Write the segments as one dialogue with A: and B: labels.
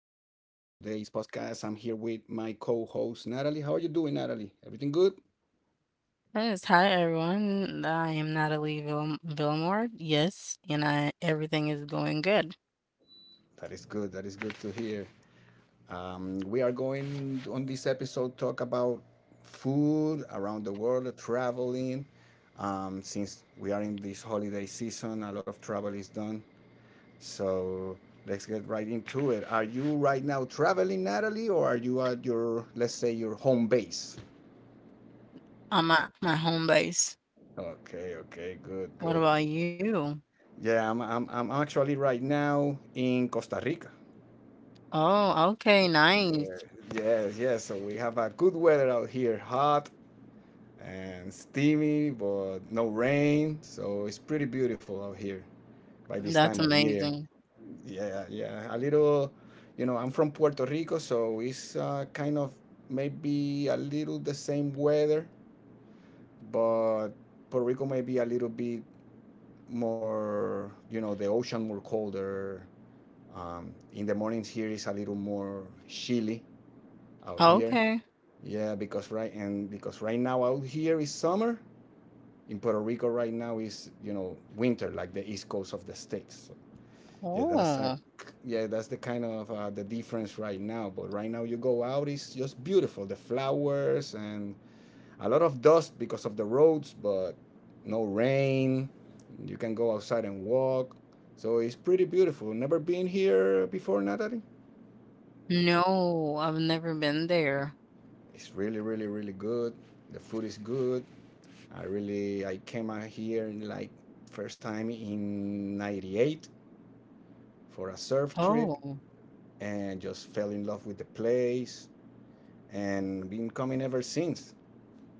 A: today's podcast, I'm here with my co host, Natalie. How are you doing, Natalie? Everything good?
B: Yes, hi everyone. I am Villamore. Yes, and I everything is going good
A: That is good. That is good to hear. We are going on this episode talk about food around the world, traveling. Since we are in this holiday season, a lot of travel is done. So let's get right into it. Are you right now traveling, Natalie, or are you at your, let's say, your home base?
B: on my home base.
A: Okay, okay, good,
B: What
A: good.
B: about you?
A: Yeah, I'm actually right now in Costa Rica.
B: Oh, okay, nice.
A: Yeah, yes, yes. So we have a good weather out here, hot and steamy, but no rain. So it's pretty beautiful out here by this
B: That's
A: time of year.
B: amazing.
A: Yeah, yeah. A little, you know, I'm from Puerto Rico, so it's kind of maybe a little the same weather, but Puerto Rico may be a little bit more, the ocean more colder. In the mornings here is a little more chilly out here.
B: Okay.
A: Yeah, because right and because right now out here is summer. In Puerto Rico right now is winter, like the east coast of the states. So, yeah,
B: Oh,
A: yeah, that's the kind of the difference right now. But right now you go out, it's just beautiful. The flowers and a lot of dust because of the roads, but no rain. You can go outside and walk. So it's pretty beautiful. Never been here before, Natalie?
B: no, I've never been there.
A: It's really, really, really good. The food is good. I came out here in like first time in 98 for a surf trip
B: Oh,
A: and just fell in love with the place and been coming ever since.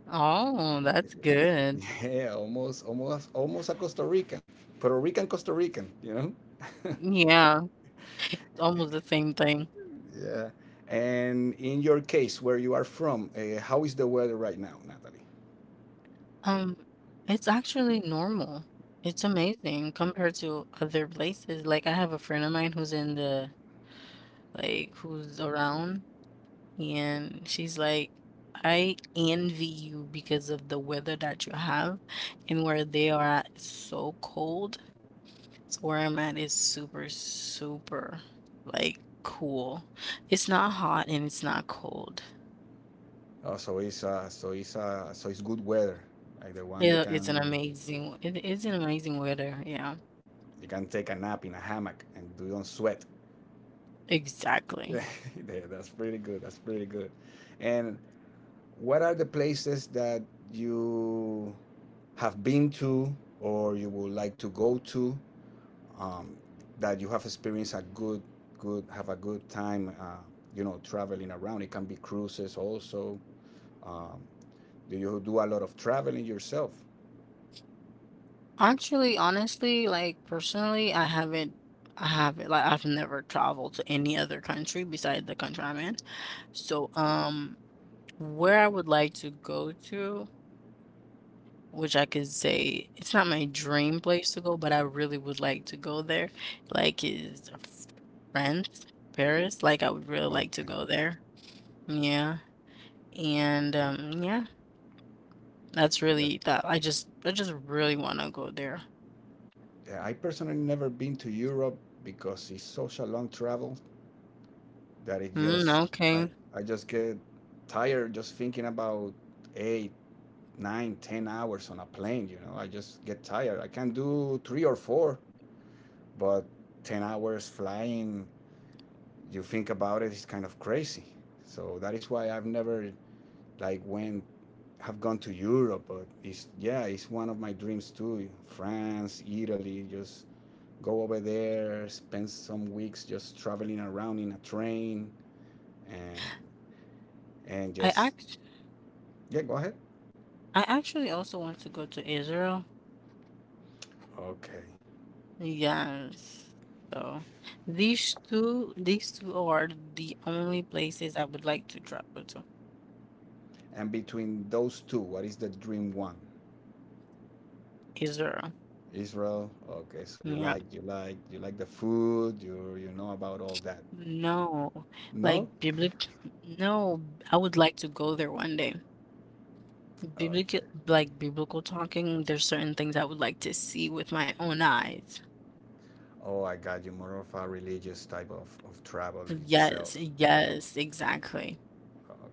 B: oh, that's good.
A: Yeah, almost a Costa Rican. Puerto Rican Costa Rican, you know?
B: Yeah, it's almost the same thing.
A: Yeah. And in your case where you are from, how is the weather right now, Natalie?
B: Um, it's actually normal. It's amazing compared to other places. Like I have a friend of mine who's in the like who's around and she's like I envy you because of the weather that you have, and where they are at is so cold. So where I'm at is super, super, like, cool. It's not hot and it's not cold.
A: Oh, so it's so it's good weather, like the one you can.
B: It is an amazing weather. Yeah,
A: You can take a nap in a hammock and you don't sweat.
B: exactly.
A: That's pretty good. That's pretty good. And what are the places that you have been to or you would like to go to, um, that you have experienced a good, good, have a good time, traveling around? It can be cruises also. Um, do you do a lot of traveling yourself?
B: Actually, honestly, like personally, I haven't, like, I've never traveled to any other country besides the country I'm in. So, where I would like to go to, which I could say it's not my dream place to go, but I really would like to go there, like, is France, Paris. Like, I would really like to
A: Okay.
B: go there. Yeah. And, yeah, that's
A: Yeah.
B: really that. I just really want to go there.
A: Yeah, I personally never been to Europe because it's such a long travel. That it
B: Mm,
A: just
B: okay.
A: I just get tired just thinking about 8, 9, 10 hours on a plane, I just get tired. I can do three or four, but 10 hours flying, you think about it, it's kind of crazy. So that is why I've never like went have gone to Europe. But it's, yeah, it's one of my dreams too. France, Italy, just go over there, spend some weeks just traveling around in a train, and and
B: I
A: just
B: actually
A: yeah, go ahead.
B: I actually also want to go to Israel.
A: Okay.
B: Yes. So these two are the only places I would like to travel to.
A: And between those two, what is the dream one?
B: Israel.
A: Israel. Okay, so
B: Yeah.
A: you like the food. You know about all that.
B: No. Like
A: No.
B: biblical, no, I would like to go there one day. Biblical,
A: Okay.
B: like biblical talking, there's certain things I would like to see with my own eyes.
A: Oh, I got you. More of a religious type of travel
B: Yes,
A: itself. Oh,
B: yes, exactly.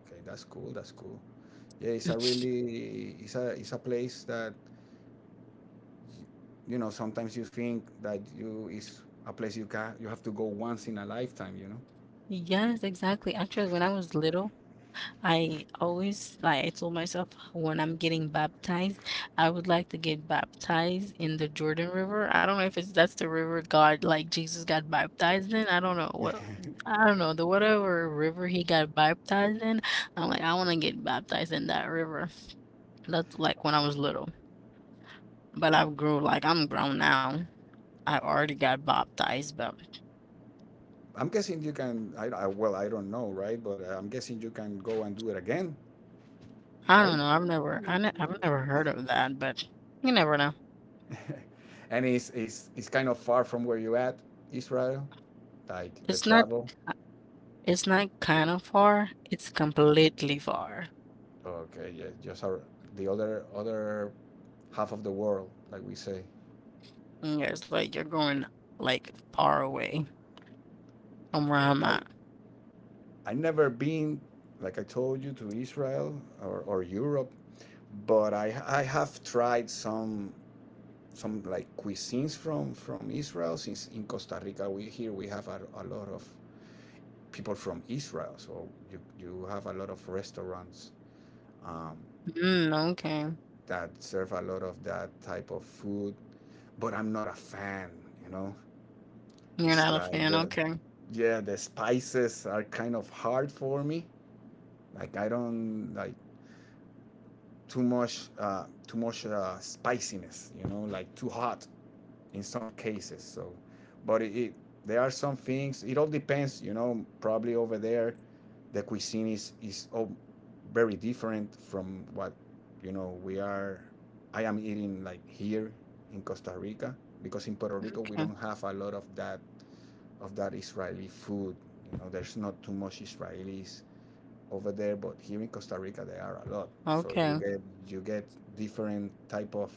A: okay, that's cool. That's cool. Yeah, it's a it's a place that you know sometimes you think that you is a place you can, you have to go once in a lifetime. You know,
B: Yes, exactly. Actually, when I was little, I always like I told myself when I'm getting baptized, I would like to get baptized in the Jordan River. I don't know if it's that's the river God like Jesus got baptized in. I don't know the whatever river he got baptized in. I'm like I want to get baptized in that river. That's like when I was little, but I've grown like I'm grown now. I already got baptized, but
A: I'm guessing you can. I don't know, right? But I'm guessing you can go and do it again,
B: I don't
A: right?
B: know. I've never heard of that, but you never know.
A: And it's kind of far from where you at, Israel. Like the
B: It's not.
A: travel.
B: It's not kind of far, it's completely far.
A: Okay, yeah, the other half of the world, like we say.
B: Mm, yeah, it's like you're going like far away from where
A: Okay,
B: I'm at.
A: I never been, like I told you, to Israel or Europe, but I have tried some like cuisines from Israel. Since in Costa Rica, we have a lot of people from Israel, so you have a lot of restaurants um,
B: Mm, okay.
A: that serve a lot of that type of food. But I'm not a fan, you know.
B: You're
A: It's
B: not a
A: like
B: fan.
A: the
B: Okay.
A: Yeah, the spices are kind of hard for me. Like I don't like too much spiciness, you know, like too hot in some cases. So, but it there are some things. It all depends, you know. Probably over there, the cuisine is all very different from what we are. I am eating, like, here in Costa Rica, because in Puerto Rico we
B: Okay.
A: don't have a lot of that Israeli food. You know, there's not too much Israelis over there, but here in Costa Rica there are a
B: Okay.
A: lot. So you get different type of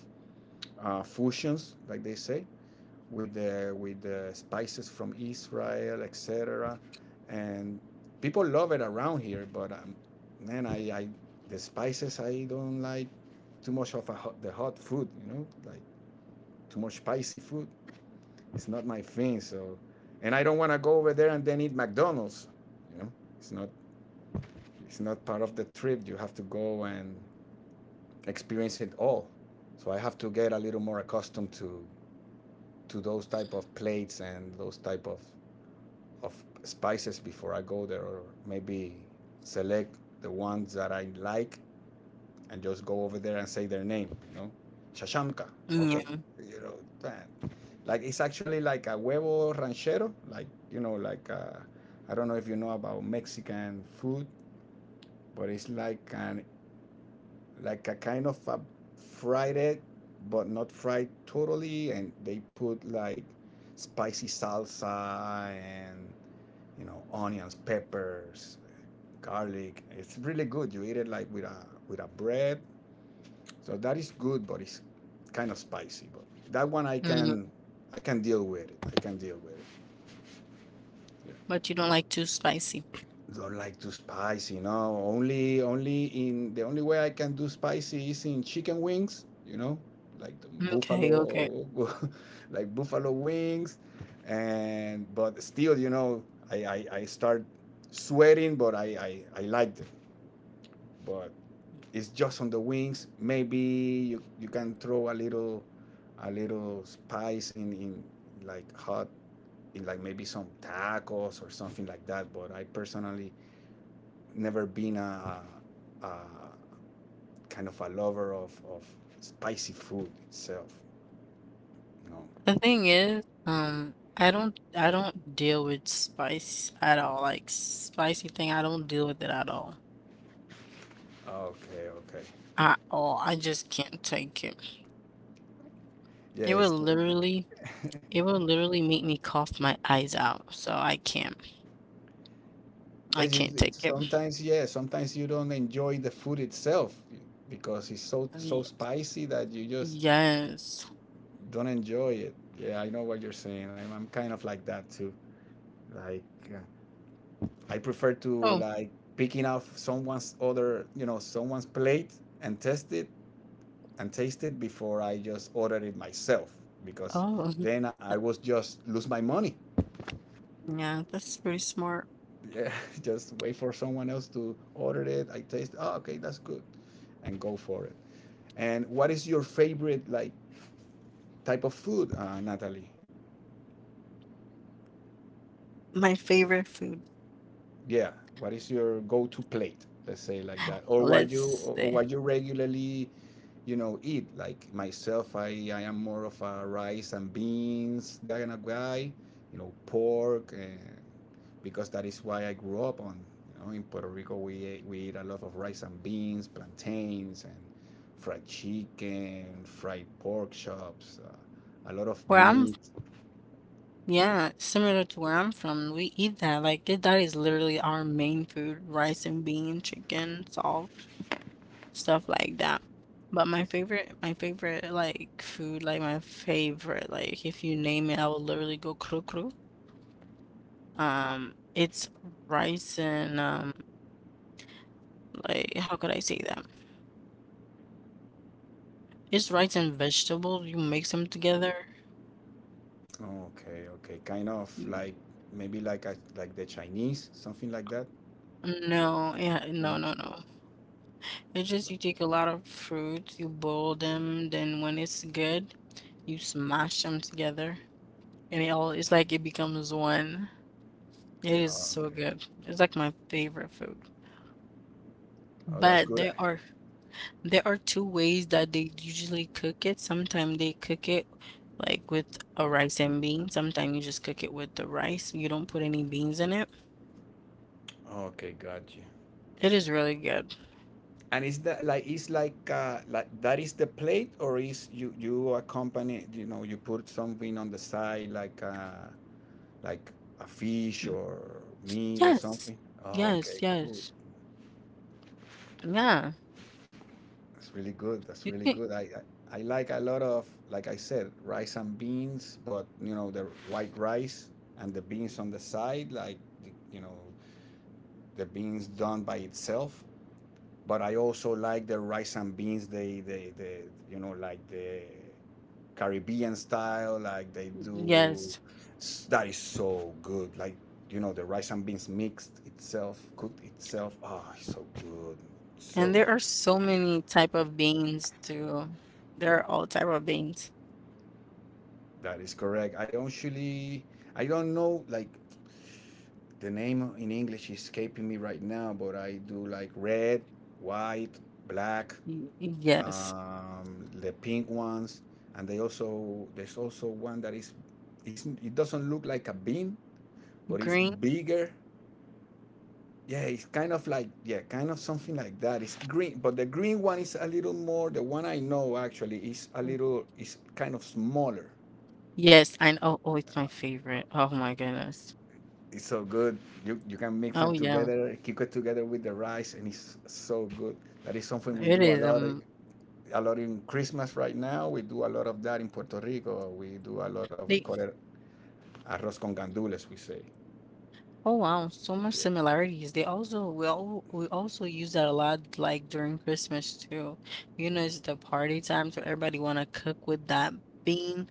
A: fusions, like they say, with the spices from Israel, etc. And people love it around here, but I the spices I don't like too much of a hot, the hot food, you know, like too much spicy food. It's not my thing. So, and I don't want to go over there and then eat McDonald's. You know, it's not it's not part of the trip. You have to go and experience it all. So I have to get a little more accustomed to those type of plates and those type of of spices before I go there, or maybe select the ones that I like and just go over there and say their name. You know, shashamka. Okay,
B: Yeah.
A: you know, man. It's actually like a huevo ranchero, like, you know, I don't know if you know about Mexican food, but it's like an like a kind of a fried egg, but not fried totally, and they put like spicy salsa and, you know, onions, peppers, garlic. It's really good. You eat it like with a bread. So that is good, but it's kind of spicy. But that one I
B: Mm,
A: can, I can deal with it. I can deal with it. Yeah.
B: but you don't like too spicy.
A: Don't like too spicy. No, only in the only way I can do spicy is in chicken wings. You know, like the
B: Okay, okay.
A: buffalo, like buffalo wings, and but still, you know, I start sweating, but I liked it, but. It's just on the wings. Maybe you can throw a little, a little spice in, like hot, in like maybe some tacos or something like that. But I personally never been a kind of a lover of spicy food itself. No.
B: The thing is, I don't deal with spice at all. Like spicy thing, I don't deal with it at all.
A: Okay, okay.
B: At all. I just can't take it. It would
A: Yes.
B: literally It will literally make me cough my eyes out, so I
A: Yes,
B: can't
A: you,
B: take it.
A: sometimes, yeah, sometimes you don't enjoy the food itself because it's so so
B: Ye
A: spicy that you just
B: yes.
A: don't enjoy it. Yeah, I know what you're saying. I'm kind of like that too. Like uh, I prefer to
B: Oh,
A: like picking off someone's other, you know, someone's plate and test it and taste it before I just order it myself, because
B: oh,
A: then I was just lose my money.
B: yeah, that's pretty smart.
A: Yeah, just wait for someone else to order it. I taste, oh, okay, that's good, and go for it. And what is your favorite, like, type of food, Natalie?
B: My favorite food,
A: Yeah, what is your go-to plate, let's say, like that,
B: let's
A: or
B: see.
A: what you regularly, you know, eat. Like myself, I am more of a rice and beans guy. And a guy You know, pork and, because that is why I grew up on, you know, in Puerto Rico we eat a lot of rice and beans, plantains, and fried chicken, fried pork chops, a lot of
B: Where I'm
A: meat.
B: yeah, similar to where I'm from, we eat that, like, th that is literally our main food, rice and bean, chicken, salt, stuff like that. But my favorite, like, food, like, my favorite, like, if you name it, I will literally go "kru kru." It's rice and like how could I say that? It's rice and vegetables. You mix them together.
A: Okay, okay. Kind of
B: Y-
A: like maybe like the Chinese, something like that.
B: No, yeah, no,
A: No.
B: no, no. It's just you take a lot of fruits, you boil them, then when it's good, you smash them together, and it all it's like it becomes one. It is
A: Oh,
B: so
A: okay.
B: good. It's like my favorite food.
A: Oh, that's
B: But
A: good.
B: there are There are two ways that they usually cook it. Sometimes they cook it like with a rice and beans. Sometimes you just cook it with the rice. You don't put any beans in it.
A: Okay, got you.
B: It is really good.
A: And is that like is like that is the plate, or is you accompany, you know, you put something on the side like like a fish
B: Mm.
A: or meat or
B: Yes.
A: something? Oh,
B: Yes,
A: okay, cool.
B: yes. Yeah.
A: That's really good. That's
B: You
A: really
B: can,
A: good. I like a lot of, like I said, rice and beans, but you know the white rice and the beans on the side, like, you know, the beans done by itself. But I also like the rice and beans. They, you know, like the Caribbean style, like they do.
B: yes.
A: S- That is so good. Like, you know, the rice and beans mixed itself, cooked itself. Ah, it's so good,
B: And
A: so
B: there
A: good.
B: are so many type of beans too. There are all type of beans.
A: That is correct. I actually, I don't know, like, the name in English is escaping me right now, but I do like red, white, black,
B: Yes.
A: the pink ones, and they also there's also one that is, it doesn't look like
B: Mm,
A: a bean, but it's
B: green.
A: bigger. Yeah, it's kind of like, yeah, kind of something like that. It's green, but the green one is a little more. The one I know actually is a
B: Mm,
A: little is kind of smaller.
B: yes, I know. Oh, it's my favorite. Oh my goodness.
A: It's so good. You can mix them
B: Oh yeah.
A: together, cook it together with the rice, and it's so good. That is something we
B: It
A: do
B: is
A: a lot in Christmas right now. We do a lot of that in Puerto Rico. We do a lot of we
B: they
A: call it arroz con gandules. We say.
B: Oh wow, so much similarities. They also we also use that a lot like during Christmas too. You know, it's the party time, so everybody wanna cook with that bean.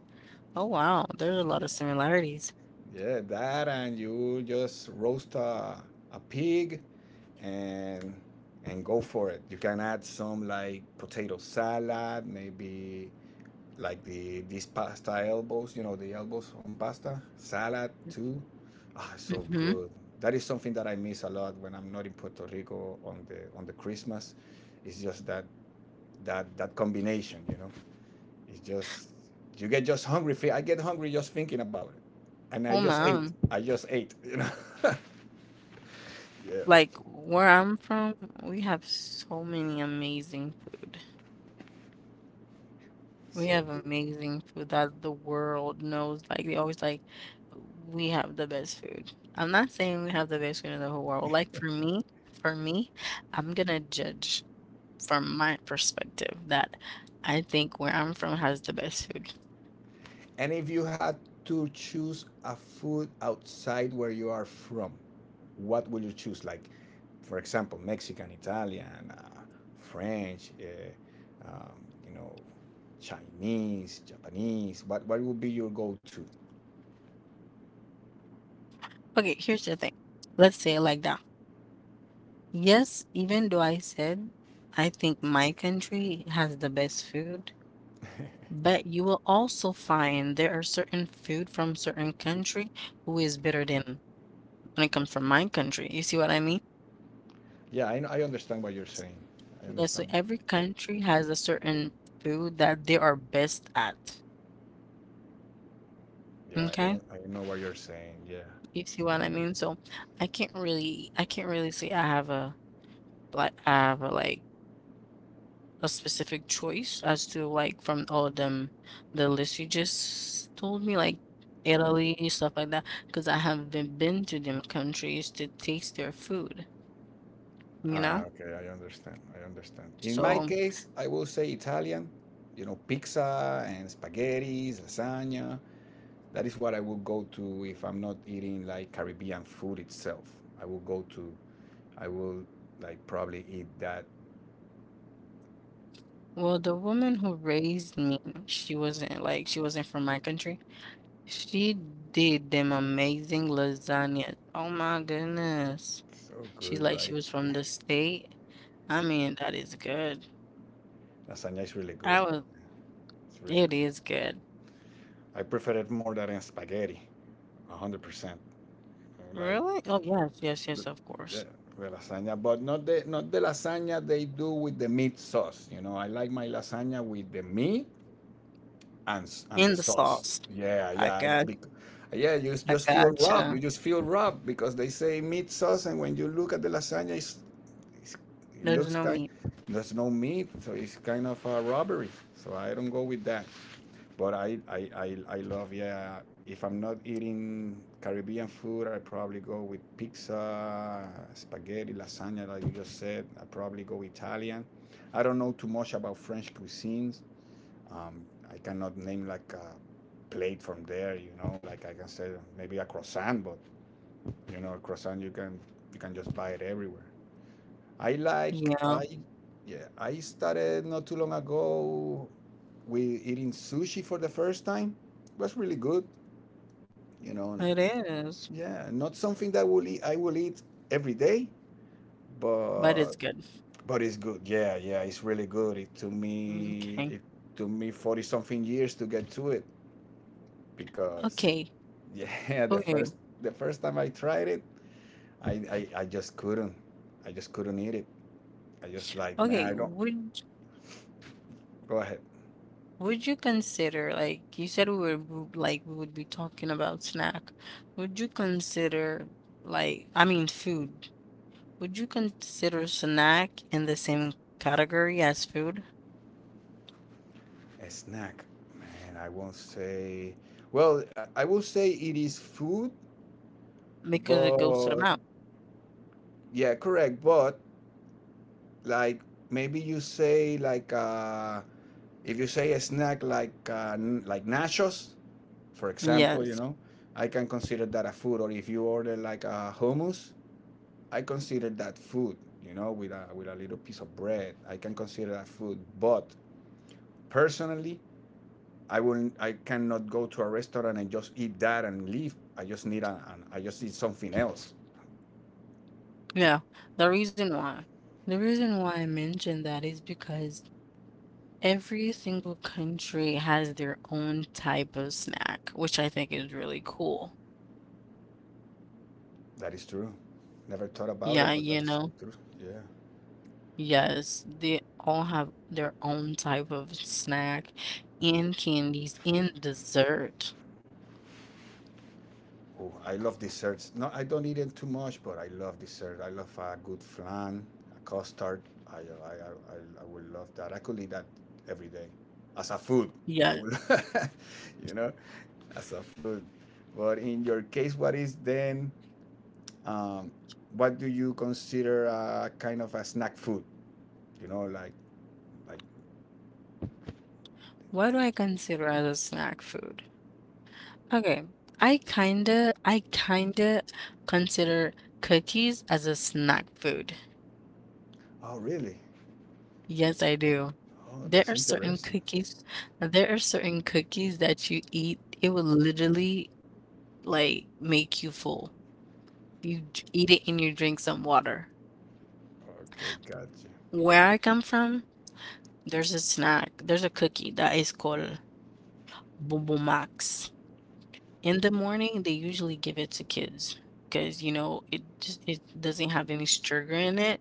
B: Oh wow, there's a lot
A: Yeah.
B: of similarities.
A: Yeah, that and you just roast a pig and and go for it. You can add some like potato salad, maybe like these pasta elbows, you know, the elbows on pasta salad too. Ah, so
B: Mm-hmm.
A: good. That is something that I miss a lot when I'm not in Puerto Rico on the Christmas. It's just that combination, you know. It's just you get just hungry. I get hungry just thinking about it, and I
B: Oh
A: just ate.
B: wow.
A: I just ate. Yeah.
B: Like where I'm from, we have so many amazing food. We
A: So
B: have
A: good.
B: amazing food that the world knows. Like they always like, we have the best food. I'm not saying we have the best food in the whole world. For me, I'm gonna judge from my perspective that I think where I'm from has the best food.
A: And if you had to choose a food outside where you are from, what will you choose? Like, for example, Mexican, Italian, French, you know, Chinese, Japanese. What would be your go-to?
B: Okay, here's the thing. Let's say it like that. Yes, even though I said I think my country has the best food. But you will also find there are certain food from certain country who is better than when it comes from my country. You see what I mean?
A: Yeah, I know, I understand what you're saying. I
B: Yeah, so
A: understand.
B: every country has a certain food that they are best at. Okay?
A: I know what you're saying. Yeah,
B: You see
A: I
B: what
A: know
B: I
A: what you're
B: mean?
A: saying.
B: So I can't really say I have a like I have a, like a specific choice as to like from all of them the list you just told me like Italy, stuff like that, because I haven't been to them countries to taste their food. You
A: Ah,
B: know?
A: okay, I understand. I understand. In my
B: So,
A: case, I will say Italian. You know, pizza and spaghetti, lasagna. That is what I will go to if I'm not eating like Caribbean food itself. I will go to. I will like probably eat that.
B: well, the woman who raised me, she wasn't like she wasn't from my country. She did them amazing lasagnas. Oh my goodness.
A: So
B: She's
A: good,
B: like she
A: right?
B: was from the state. I mean, that is good.
A: Lasagna is really good.
B: I was,
A: It's really
B: it
A: good.
B: is good.
A: I prefer it more than spaghetti, 100%. Like
B: Really? Oh yes, yes, yes, of course.
A: yeah, the lasagna, but not the lasagna they do with the meat sauce. You know, I like my lasagna with the meat and the
B: In the
A: sauce.
B: sauce.
A: Yeah,
B: I
A: yeah, I don't-
B: got,
A: bec- yeah.
B: I
A: Just feel robbed. You
B: gotcha.
A: just feel robbed because they say meat sauce, and when you look at the lasagna, it's, it
B: There's
A: looks
B: no
A: kind.
B: meat.
A: There's no meat, so it's kind of a robbery. So I don't go with that. But I love yeah. If I'm not eating Caribbean food, I probably go with pizza, spaghetti, lasagna, like you just said. I probably go Italian. I don't know too much about French cuisines um, I cannot name like a plate from there, you know. Like I can say maybe a croissant, but you know, a croissant you can just buy it everywhere. I like
B: Yeah,
A: I Yeah, I started not too long ago with eating sushi for the first time. It was really good, you know.
B: it is,
A: Yeah, not something that I will eat every day,
B: but
A: but
B: it's good.
A: but it's good. Yeah, yeah, it's really good.
B: Okay.
A: It took me 40 something years to get to it. Because
B: Okay.
A: yeah,
B: Okay.
A: the first time I tried it, I just couldn't. I just couldn't eat it. I just like, man,
B: Okay,
A: I don't
B: would
A: go ahead.
B: Would you consider, we were like we would be talking about snack. Would you consider, like, I mean, food? Would you consider snack in the same category as food?
A: A snack. Man, I won't say I will say it is food,
B: Because it goes to the
A: but
B: mouth.
A: yeah, correct. But like maybe you say like if you say a snack like like nachos, for example, you
B: Yes.
A: know, I can consider that a food. Or if you order like a hummus, I consider that food, you know, with a little piece of bread. I can consider that food, but personally, I cannot go to a restaurant and just eat that and leave. I just need an I just need something else.
B: Yeah. The reason why, the reason why I mentioned that is because every single country has their own type of snack, which I think is really cool.
A: That is true. Never thought about it,
B: Yeah,
A: but that
B: you
A: is true.
B: know.
A: True. Yeah.
B: Yes, they all have their own type of snack and candies and dessert.
A: Oh, I love desserts. No, I don't eat it too much, but I love dessert. I love a good flan, a custard. I would love that. I could eat that every day as a food. I
B: Yeah.
A: would, you know, as a food. But in your case, what is then, um, what do you consider a kind of a snack food? You know, like,
B: What do I consider as a snack food? Okay, I kinda consider cookies as a snack food.
A: oh, really?
B: Yes, I do.
A: Oh,
B: There
A: that's
B: are certain
A: interesting.
B: cookies, there are certain cookies that you eat, it will literally like make you full. Eat it and you drink some water.
A: Okay, got you.
B: Where I come from, there's a snack, there's a cookie that is called Bonbon Max. In the morning, they usually give it to kids because you know it doesn't have any sugar in it.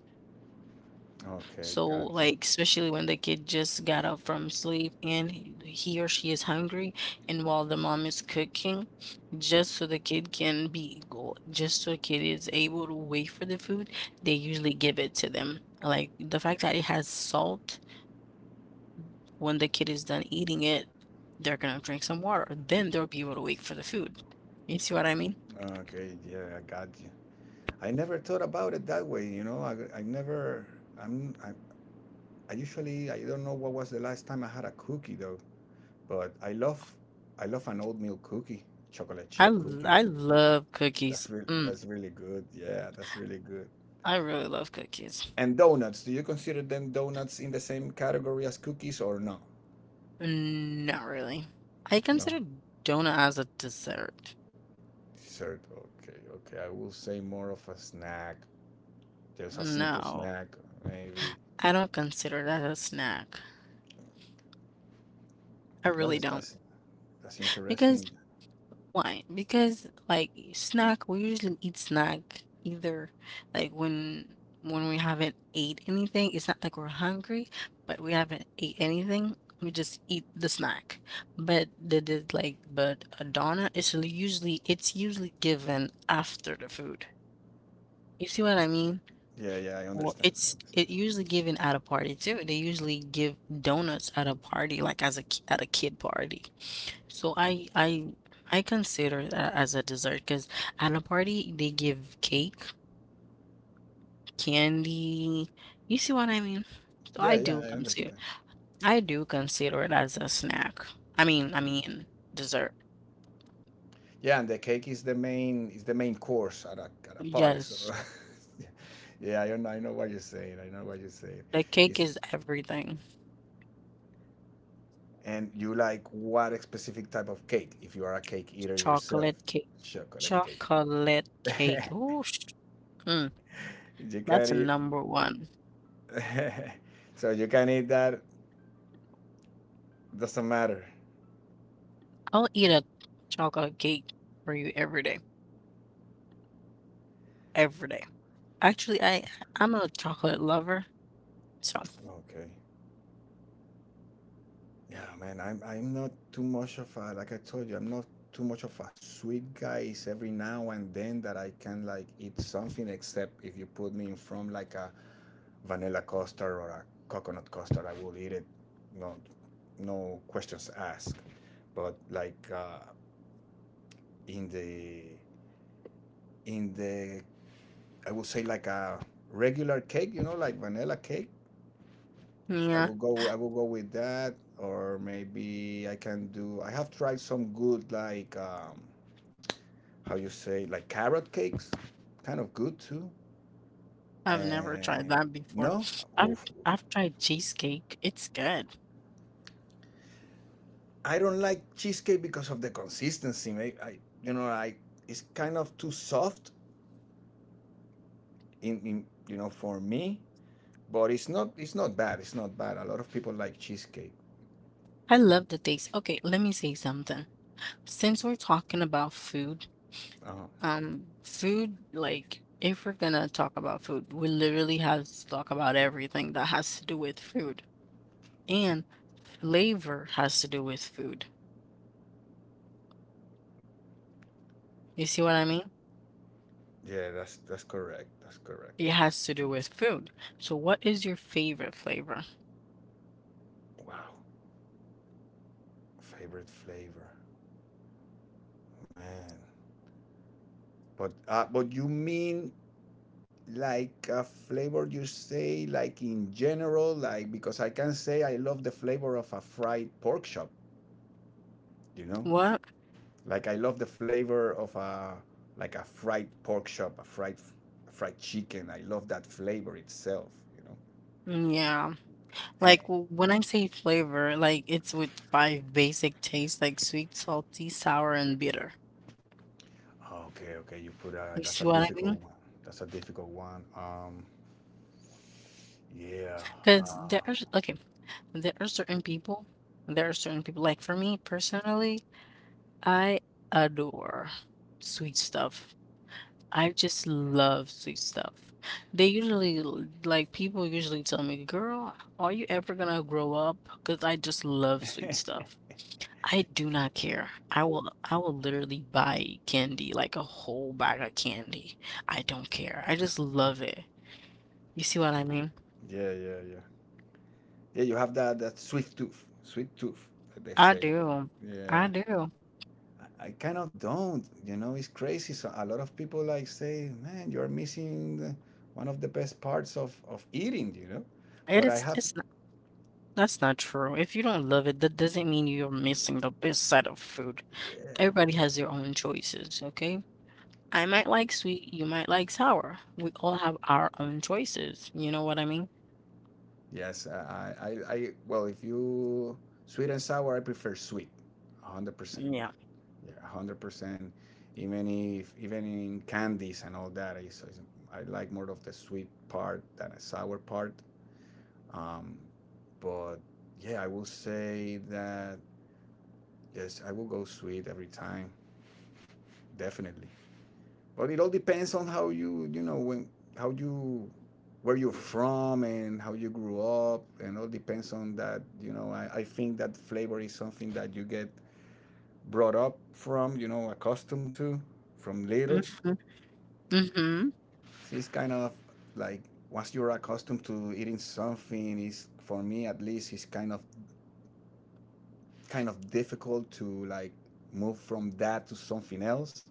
A: Okay,
B: So
A: got you.
B: like especially when the kid just got up from sleep and he or she is hungry, and while the mom is cooking, just so the kid is able to wait for the food, they usually give it to them. Like the fact that it has salt When the kid is done eating it, they're gonna drink some water. Then they'll be able to wait for the food. You see what I mean?
A: Okay, yeah, I got you. I never thought about it that way, you know. I'm, I, I usually, I don't know what was the last time I had a cookie though. But I love, I love an oatmeal cookie, chocolate chip cookie.
B: I love cookies. Mm,
A: That's really good. Yeah, that's really good.
B: I really love cookies.
A: And donuts. Do you consider them donuts in the same category as cookies or no?
B: Mm, not really. I
A: No.
B: consider donut as a dessert.
A: Dessert. Okay, okay. I will say more of a snack, just a simple
B: No,
A: snack, maybe.
B: I don't consider that a snack. I
A: Well,
B: really
A: that's
B: don't.
A: that's, that's
B: Because
A: interesting.
B: Why? Because like snack, we usually eat snack either like when we haven't ate anything. It's not like we're hungry, but we haven't ate anything. We just eat the snack. But the like but a doner is usually- it's usually given after the food. You see what I mean?
A: Yeah, yeah. I
B: Or
A: understand.
B: it's it usually given at a party too. They usually give donuts at a party, like as a at a kid party. So I I consider that as a dessert because at a party they give cake, candy. You see what I mean? So
A: Yeah, yeah, I understand.
B: I do consider it as a snack. I mean dessert.
A: Yeah, and the cake is the main course at a party. So,
B: Yes,
A: yeah, I know what you're saying. I know what you're saying.
B: the cake
A: Is
B: is everything.
A: and you like what specific type of cake? If you are a cake eater yourself,
B: Chocolate cake.
A: chocolate cake.
B: Chocolate cake. Mm,
A: You can
B: that's a
A: eat.
B: number one.
A: So you can eat that. Doesn't matter.
B: I'll eat a chocolate cake for you every day. Every day. Actually, I'm a chocolate lover. So.
A: Okay. Yeah, man, I'm not too much of a like I told you, I'm not too much of a sweet guy. It's every now and then that I can like eat something, except if you put me in from like a vanilla custard or a coconut custard, I will eat it. No, no questions asked. But like in the I would say like a regular cake, you know, like vanilla cake. I
B: Yeah.
A: will go. I will go with that, or maybe I can do. I have tried some good like how you say like carrot cakes, kind of good too.
B: I've never tried
A: And
B: that before.
A: no,
B: I've
A: oof.
B: I've tried cheesecake. It's good.
A: I don't like cheesecake because of the consistency. You know, I it's kind of too soft in you know for me. But it's not bad. It's not bad. A lot of people like cheesecake.
B: I love the taste. Okay, let me say something. Since we're talking about food,
A: Uh-huh.
B: Food, like, if we're gonna talk about food, we literally have to talk about everything that has to do with food. And flavor has to do with food. You see what I mean?
A: Yeah, that's correct. That's
B: It
A: correct.
B: has to do with food. So what is your favorite flavor?
A: Wow, favorite flavor, man. But you mean like a flavor you say like in general like because I can say I love the flavor of a fried pork chop you know
B: What?
A: like I love the flavor of a like a fried pork chop a fried chicken I love that flavor itself you know
B: Mm, yeah.
A: and,
B: Like when I say flavor, like it's with 5 basic tastes like sweet, salty, sour, and bitter.
A: okay okay you put a
B: You
A: that's a
B: see what I
A: difficult
B: mean?
A: one that's a difficult one yeah
B: Because
A: uh,
B: there's okay, there are certain people, there are certain people, like for me personally. I adore sweet stuff. I just love sweet stuff. They usually, people usually tell me, girl, are you ever gonna grow up? Because I just love sweet
A: yeah
B: stuff. I do not care. I will literally buy candy, like a whole bag of candy. I don't care. I just love it. You see what I mean?
A: yeah yeah yeah you have that sweet tooth that they
B: I
A: say
B: do. I
A: yeah
B: do.
A: I kind of don't. You know, it's crazy. So a lot of people like say, "Man, you're missing the, one of the best parts of eating." You know, but I have,
B: It's not, that's not true. If you don't love it, that doesn't mean you're missing the best side of food.
A: yeah,
B: Everybody has their own choices, okay? I might like sweet, you might like sour. We all have our own choices. You know what I mean?
A: yes. I well, if you sweet and sour, I prefer sweet, 100%.
B: Yeah.
A: Yeah, 100%. Even if even in candies and all that, is- I like more of the sweet part than a sour part. Um, but yeah, I will say that yes, I will go sweet every time, definitely. But it all depends on how you, you know, when how you where you're from and how you grew up and all depends on that you know I think that flavor is something that you get brought up from you know accustomed to from little
B: Mhm. Mhm.
A: so it's kind of like once you're accustomed to eating something is for me at least it's kind of difficult to like move from that to something else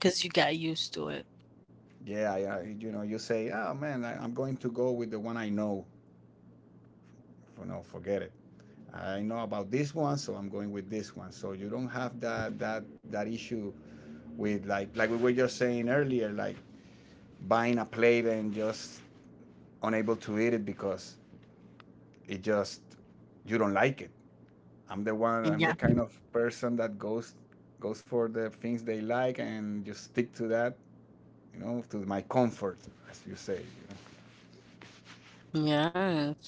B: Cause you got used to it.
A: Yeah, yeah. You know, you say, "Oh man, I'm going to go with the one I know." For no, forget it. I know about this one, so I'm going with this one. So you don't have that issue with like we were just saying earlier, like buying a plate and just unable to eat it because it just you don't like it. I'm the one. I'm
B: Yeah.
A: the kind of person that goes for the things they like and just stick to that. You know, to my comfort, as you say.
B: Yes.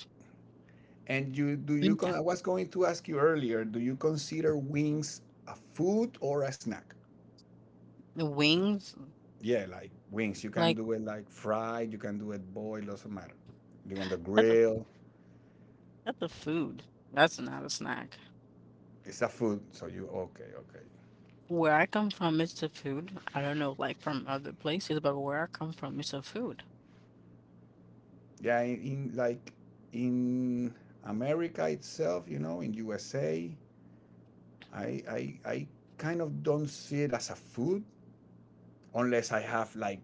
A: And you do
B: Mm,
A: you
B: yeah.
A: con- I was going to ask you earlier, do you consider wings a food or a snack?
B: The wings,
A: Yeah, like wings. You can
B: like
A: do it like fried, you can do it boiled, doesn't matter. You on the
B: that's a
A: grill.
B: that's a food. That's not a snack.
A: It's a food, so you okay, okay.
B: Where I come from, it's a food. I don't know, like from other places, but where I come from, it's a food.
A: Yeah, in America itself, you know, in USA, I kind of don't see it as a food unless I have like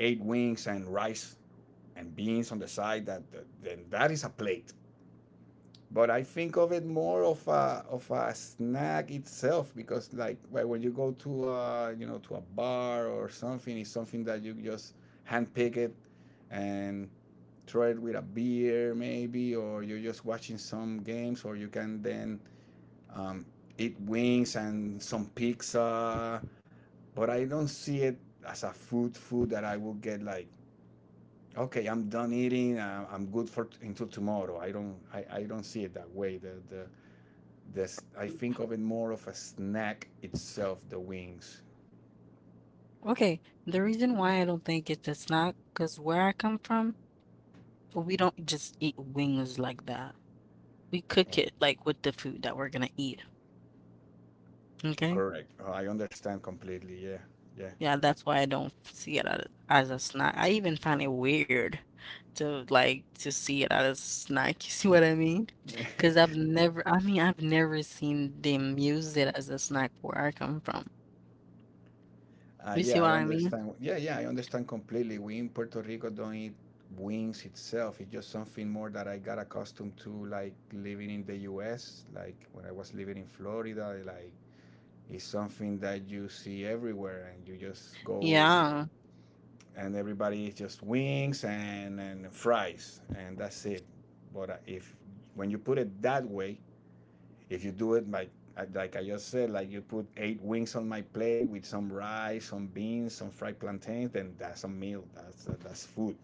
A: 8 wings and rice and beans on the side that, that then that is a plate, but I think of it more of a snack itself, because like when you go to a, you know, to a bar or something, it's something that you just handpick it and try it with a beer maybe, or you're just watching some games, or you can then um, eat wings and some pizza. But I don't see it as a food food that I will get, like, okay, I'm done eating, I'm good for until tomorrow. I don't see it that way. The this I think of it more of a snack itself, the wings.
B: Okay, the reason why I don't think it's a snack, cause where I come from, but we don't just eat wings like that. We cook
A: Oh,
B: it like with the food that we're gonna eat. Okay?
A: correct. Oh, I understand completely. Yeah, yeah,
B: Yeah, that's why I don't see it as a snack. I even find it weird to like to see it as a snack. You see what I mean? Because I've never, I mean, I've never seen them use it as a snack where I come from. You see
A: yeah. I
B: what I mean?
A: understand. Yeah, yeah. I understand completely. We in Puerto Rico don't eat wings itself. It's just something more that I got accustomed to, like living in the U.S. Like when I was living in Florida, like it's something that you see everywhere, and you just go
B: Yeah.
A: and everybody is just wings and fries and that's it. But if when you put it that way, if you do it like, like I just said, like you put 8 wings on my plate with some rice, some beans, some fried plantains, then that's a meal, that's food.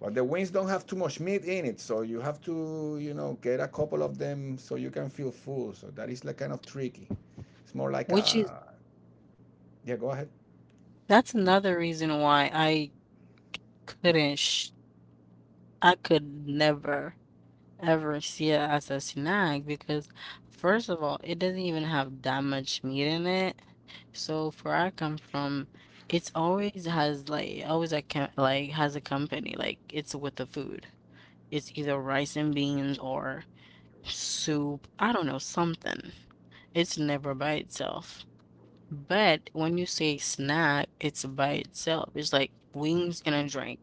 A: But the wings don't have too much meat in it, so you have to, you know, get a couple of them so you can feel full, so that is like kind of tricky. It's more like
B: Which is,
A: a, yeah, go ahead.
B: that's another reason why I couldn't, sh I could never. Ever see it as a snack because, first of all, it doesn't even have that much meat in it. So where I come from, it's always has like always a like has a company like it's with the food. It's either rice and beans or soup. I don't know, something. It's never by itself. But when you say snack, it's by itself. It's like wings and a drink.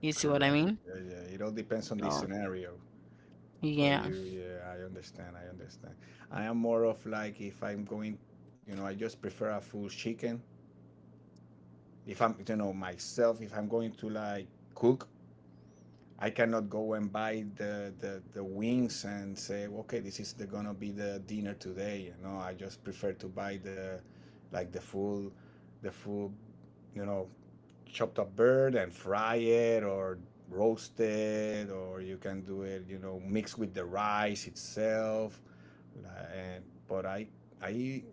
B: You see what I
A: Correct,
B: mean?
A: yeah, yeah. It all depends on the
B: So,
A: scenario. For
B: yeah.
A: you, yeah, I understand. I understand. I am more of like, if I'm going, you know, I just prefer a full chicken. If I'm, you know, myself, if I'm going to like cook, I cannot go and buy the wings and say, okay, this is the, gonna be the dinner today. You know, I just prefer to buy the, like the full, you know, chopped up bird and fry it or roast it, or you can do it, you know, mixed with the rice itself. and but I I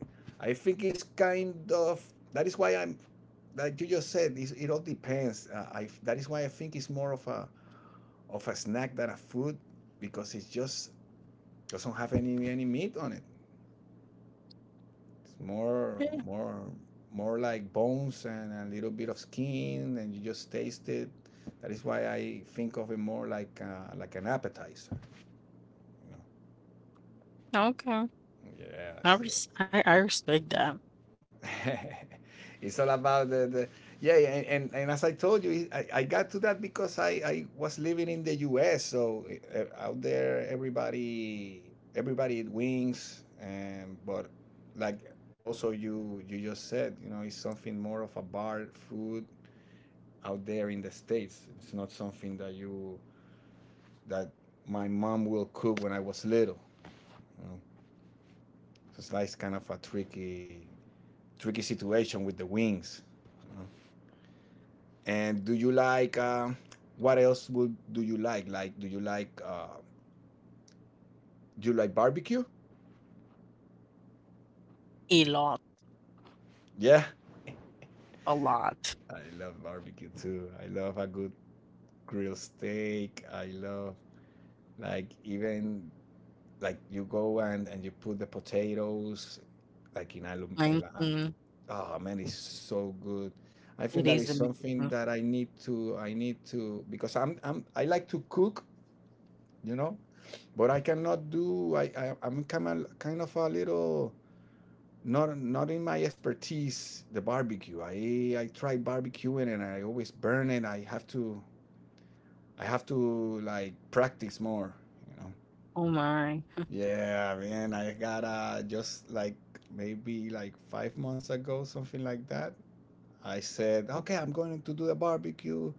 A: I think it's kind of, that is why I'm, like you just said, it's, it all depends. I that is why I think it's more of a snack than a food, because it just doesn't have any meat on it. It's more
B: Yeah,
A: more more like bones and a little bit of skin, and you just taste it. That is why I think of it more like, like an appetizer.
B: okay.
A: Yes, yes.
B: I respect that
A: It's all about the, yeah, and as I told you, I got to that because I was living in the US, so out there everybody, everybody eat wings and, but like, also you just said, you know, it's something more of a bar food out there in the states. It's not something that you, that my mom will cook when I was little, you know? So it's like kind of a tricky situation with the wings. And do you like, what else would do you like? Like, do you like, do you like barbecue?
B: a lot,
A: Yeah,
B: a lot.
A: I love barbecue too. I love a good grilled steak. I love, like, even like, you go and you put the potatoes like in alum. In a-
B: 19,
A: Oh man, it's so good. I think
B: it
A: that
B: is
A: is something
B: amazing.
A: that I need to, I need to, because I'm I like to cook, you know, but I cannot do, I I'm kind of, kind of a little, not not in my expertise the barbecue. I try barbecuing and I always burn it. I have to, I have to like practice more, you know.
B: Oh my.
A: Yeah, man, I got, just like maybe like 5 months ago, something like that, I said, okay, I'm going to do the barbecue,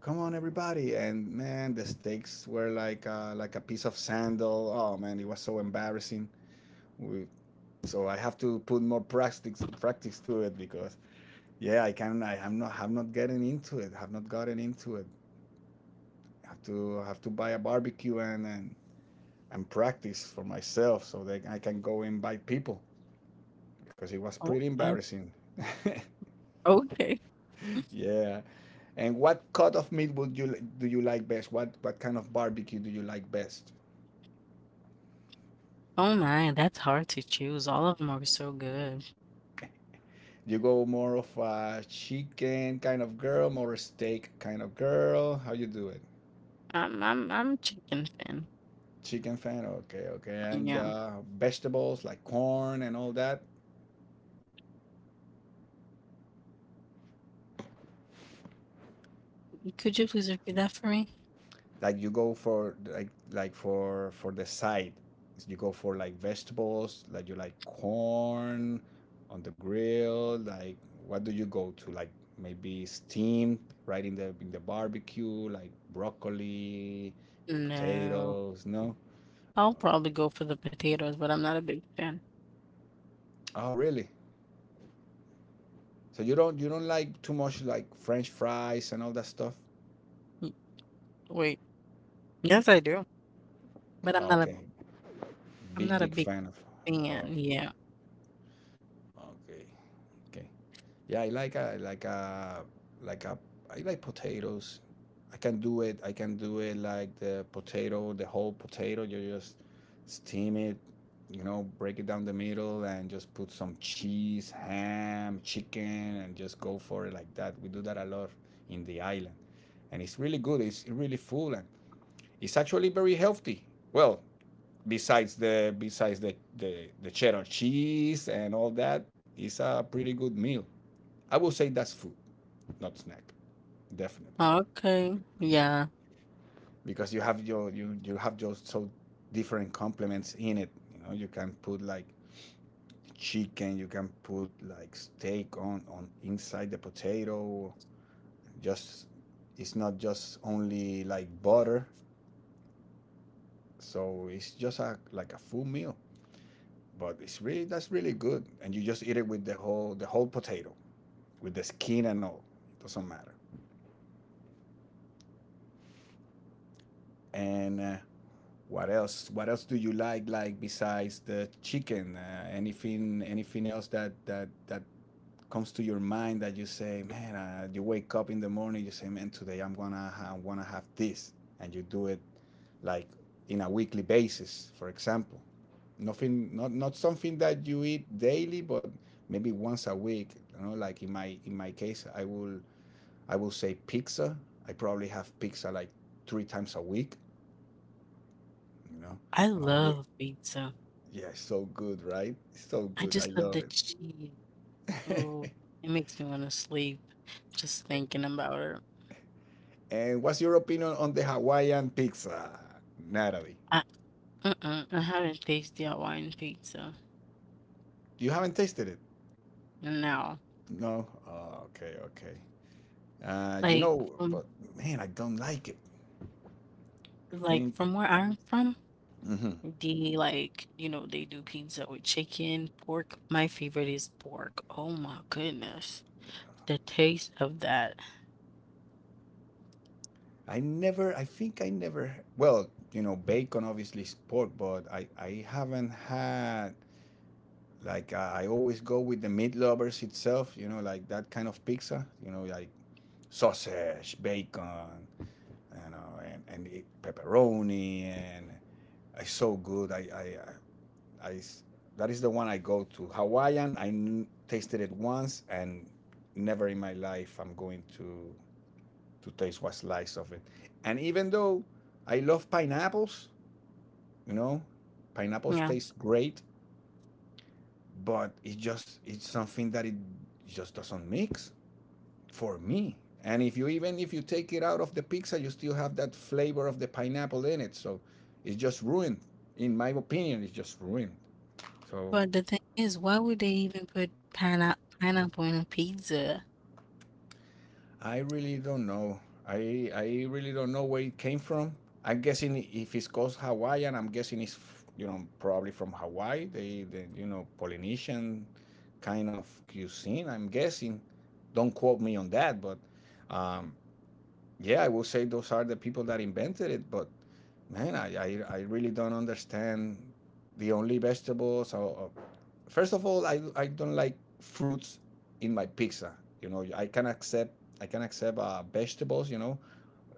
A: come on everybody, and man, the steaks were like, like a piece of sandal. Oh man, it was so embarrassing. We, so I have to put more practice to it, because, yeah, I can. I am not, have not getting into it. Have not gotten into it. Have to buy a barbecue and practice for myself so that I can go invite people, because it was pretty
B: Okay,
A: embarrassing.
B: okay.
A: Yeah. And what cut of meat would you, do you like best? What kind of barbecue do you like best?
B: Oh my, that's hard to choose. All of them are so good.
A: You go more of a chicken kind of girl, more a steak kind of girl? How you do it?
B: I'm a chicken fan.
A: Chicken fan, okay, okay. And
B: Yeah.
A: vegetables like corn and all that.
B: Could you please repeat that for me?
A: Like you go for like for the side, you go for like vegetables, like you like corn on the grill, like, what do you go to, like maybe steamed right in the barbecue, like broccoli,
B: No.
A: potatoes, no?
B: I'll probably go for the potatoes, but I'm not a big fan.
A: Oh really? So you don't, you don't like too much like french fries and all that stuff.
B: Y wait. Yes, I do, but
A: Okay,
B: I'm
A: big
B: not a
A: big
B: big
A: fan of, oh,
B: fan, yeah.
A: okay, okay. Yeah, I like a like a like a, I like potatoes. I can do it. I can do it like the potato, the whole potato. You just steam it, you know, break it down the middle, and just put some cheese, ham, chicken, and just go for it like that. We do that a lot in the island, and it's really good. It's really full, and it's actually very healthy. Well, besides the besides the cheddar cheese and all that, it's a pretty good meal. I will say that's food, not snack, definitely.
B: Okay,
A: Yeah,
B: yeah.
A: because you have your, you have just so different complements in it. You know, you can put like chicken, you can put like steak on inside the potato. Just, it's not just only like butter, so it's just a like a full meal. But it's really, that's really good, and you just eat it with the whole potato with the skin and all. It doesn't matter. And what else? What else do you like? Like besides the chicken, anything, anything else that comes to your mind that you say, man, you wake up in the morning, you say, man, today I'm gonna wanna have this, and you do it like in a weekly basis, for example. Nothing, not not something that you eat daily, but maybe once a week. You know, like in my, in my case, I will say pizza. I probably have pizza like 3 times a week. You know,
B: I
A: I'm a big,
B: love pizza.
A: yeah, it's so good, right? It's so
B: I
A: good. I
B: just love
A: love
B: the cheese. Oh,
A: it.
B: it makes me wanna sleep just thinking about it.
A: And what's your opinion on the Hawaiian pizza, Natalie?
B: I mm-mm, I haven't tasted Hawaiian pizza,
A: You haven't tasted it?
B: now.
A: No? Oh, okay, okay. You
B: Like,
A: know,
B: from
A: but man, I don't like it. I
B: like,
A: think,
B: from where I'm from,
A: mhm.
B: they, like, you know, they do pizza with chicken, pork. My favorite is pork. Oh my goodness, the taste of that.
A: I never, I think I never, well, you know, bacon obviously is pork, but I haven't had, like, I always go with the meat lovers itself, you know, like that kind of pizza, you know, like sausage, bacon, you know, and eat pepperoni, and it's so good. I that is the one I go to. Hawaiian, tasted it once, and never in my life I'm going to taste one slice of it. And even though I love pineapples, you know, pineapples
B: Yeah,
A: taste great, but it's just, it's something that it just doesn't mix for me. And if you, even if you take it out of the pizza, you still have that flavor of the pineapple in it. So it's just ruined. In my opinion, it's just ruined. So
B: but the thing is, why would they even put pineapple in a pizza?
A: I really don't know. I really don't know where it came from. I'm guessing, if it's called Hawaiian, I'm guessing it's, you know, probably from Hawaii. They, you know, Polynesian kind of cuisine. I'm guessing. Don't quote me on that, but um, yeah, I will say those are the people that invented it, but man, I really don't understand. The only vegetables. Or, first of all, I don't like fruits in my pizza. You know, I can accept, I can accept vegetables. You know,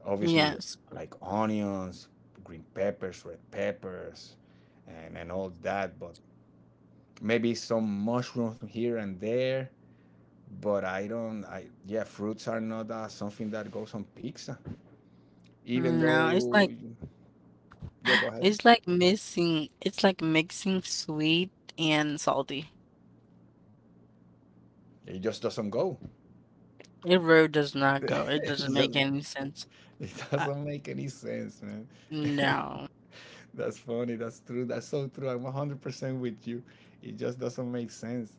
A: obviously
B: Yes,
A: like onions, green peppers, red peppers, and all that. But maybe some mushrooms here and there. But I don't. I, yeah, fruits are not something that goes on pizza, even
B: no, it's like
A: though, yeah, go ahead,
B: it's like mixing. It's like mixing sweet and salty.
A: it just doesn't go.
B: It really does not go. It
A: It,
B: doesn't
A: just,
B: make any sense.
A: it
B: Uh,
A: doesn't make any sense, man.
B: no.
A: That's funny, that's true, that's so true, I'm 100% with you. It just doesn't make sense.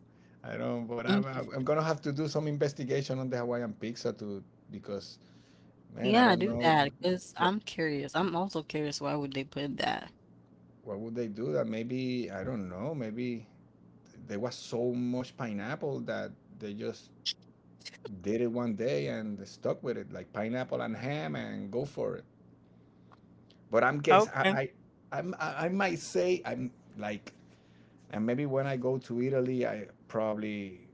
A: I don't, but
B: Mm,
A: I'm gonna have to do some investigation on the Hawaiian pizza to, because man, I
B: yeah,
A: don't
B: do
A: know.
B: that because
A: what
B: I'm curious. I'm also curious why would they put that?
A: what would they do that? Maybe I don't know, maybe there was so much pineapple that they just did it one day and stuck with it, like pineapple and ham, and go for it. But I'm guess
B: Okay.
A: I I'm, I might say I'm like, and maybe when I go to Italy, I probably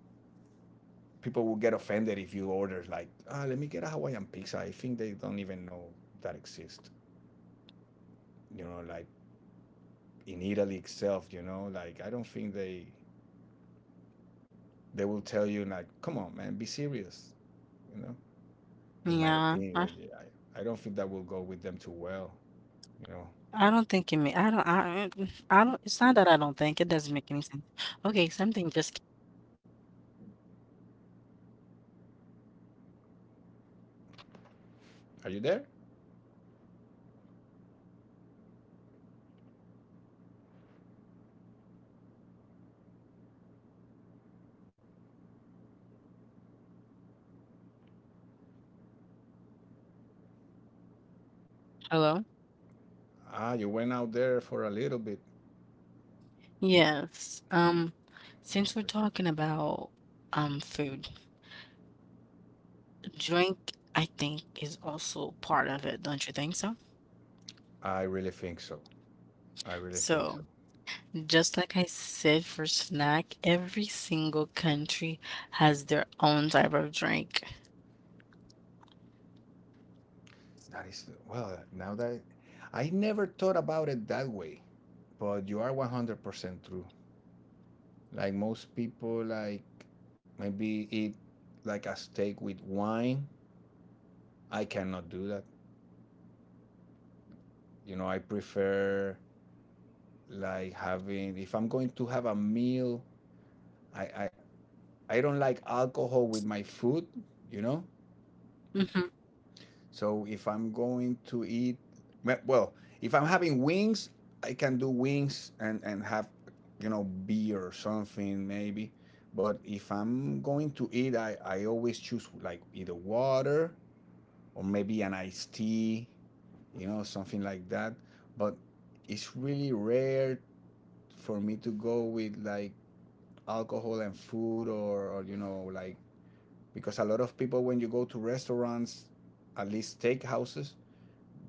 A: people will get offended if you order like, let me get a Hawaiian pizza. I think they don't even know that exists. You know, like in Italy itself. You know, like I don't think they will tell you like, come on, man, be serious. You know, in my
B: Yeah, I,
A: opinion, yeah, I don't think that will go with them too well. You know,
B: I don't think it may. I don't. I don't. It's not that I don't think it doesn't make any sense. Okay, something just
A: are you there? You went out there for a little bit. Okay. I really think so. I really think so. That is well. Now that I never thought about it that way, but you are 100% true. Like most people, like maybe eat like a steak with wine. I cannot do that. You know, I prefer like having if I'm going to have a meal. I I, I don't like alcohol with my food. You know, so if I'm going to eat, well, if I'm having wings, I can do wings and, have, you know, beer or something maybe. But if I'm going to eat, I always choose like either water or maybe an iced tea, you know, something like that. But it's really rare for me to go with like alcohol and food, or you know, like because a lot of people when you go to restaurants, at least steakhouses,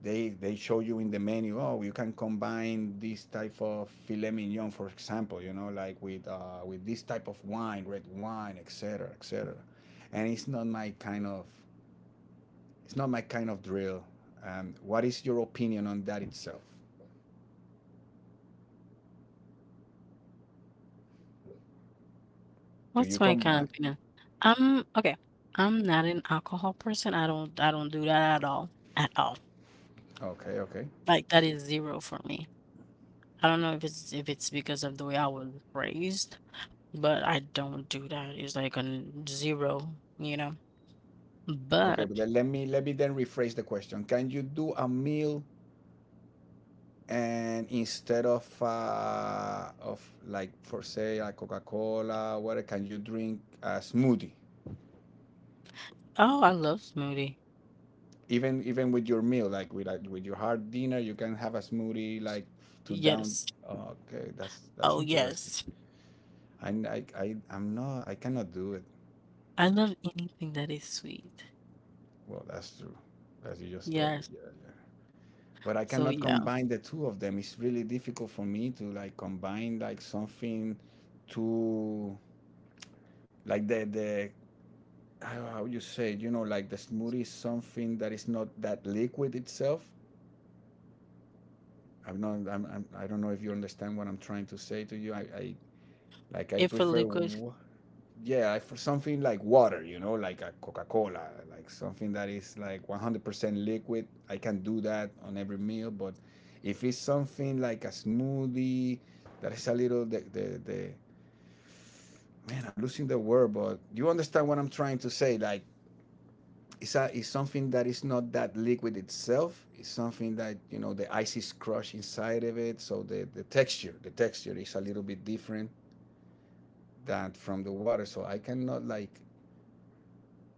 A: they show you in the menu, oh, you can combine this type of filet mignon, for example, you know, like with this type of wine, red wine, et cetera, et cetera. And it's not my kind of drill. What is your opinion on that itself? Do you combine? Okay, okay. Okay, but then let me then rephrase the question. Can you do a meal, and instead of like for say a Coca-Cola water, can you drink a smoothie, even with your meal, like with with your hard dinner, you can have a smoothie like to down? Oh, okay, that's interesting. I I'm not I cannot do it. Well, that's true, as you just told me. Yeah, yeah. But I cannot combine the two of them. It's really difficult for me to like combine like something to like the how you say, you know, like the smoothie is something that is not that liquid itself. I'm not I'm, I'm i don't know if you understand what I'm trying to say to you. I Like I prefer, yeah, I, for something like water, you know, like a Coca-Cola, like something that is like 100% liquid. I can do that on every meal, but if it's something like a smoothie that is a little the man, I'm losing the word, but you understand what I'm trying to say. Like it's a it's something that is not that liquid itself. It's something that, you know, the ice is crushed inside of it, so the texture is a little bit different that from the water. So I cannot like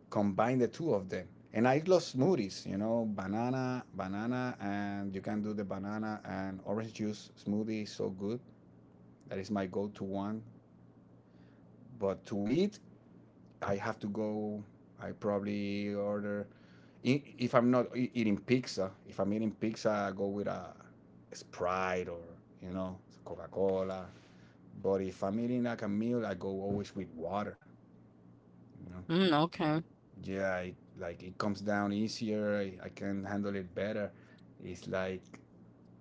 A: combine the two of them. And I love smoothies, you know, banana, and you can do the banana and orange juice smoothie is so good. That is my go-to one. But to eat, I have to go. I probably order if I'm not eating pizza. If I'm eating pizza, I go with a Sprite or, you know, Coca-Cola. But if I'm eating like a meal, I go always with water. You know. Yeah, I, like it comes down easier. I can handle it better. It's like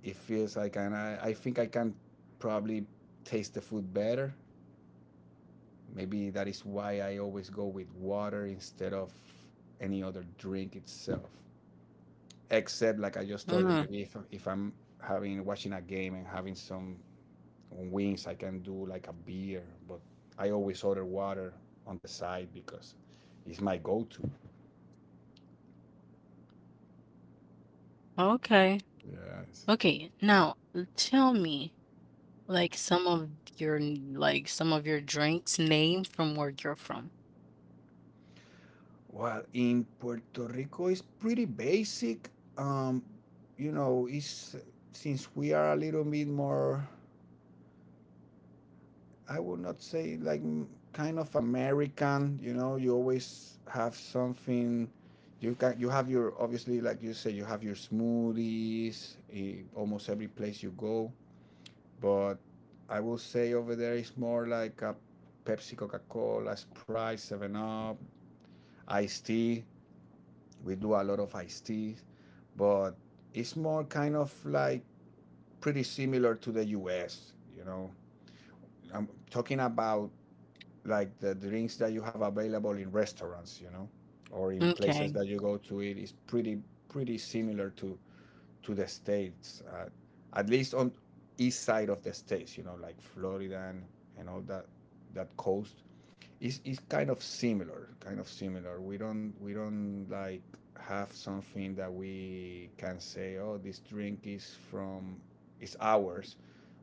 A: it feels like and I think I can probably taste the food better. Maybe that is why I always go with water instead of any other drink itself, except like I just told you, maybe if I'm having watching a game and having some wings, I can do like a beer, but I always order water on the side because it's my go-to. Yes. Well, in Puerto Rico, it's pretty basic. Um, you know, it's since we are a little bit more, I would not say like kind of American. You know, you always have something. You have your obviously like you say you have your smoothies, almost every place you go, but I will say over there it's more like a Pepsi, Coca Cola, Sprite, Seven Up, iced tea. We do a lot of iced teas, but it's more kind of like pretty similar to the US, you know. I'm talking about like the drinks that you have available in restaurants, you know, or in places that you go to eat is pretty pretty similar to the states, at least on east side of the states, you know, like Florida and all that, that coast. It's kind of similar, kind of similar. We don't like have something that we can say, oh, this drink is from is ours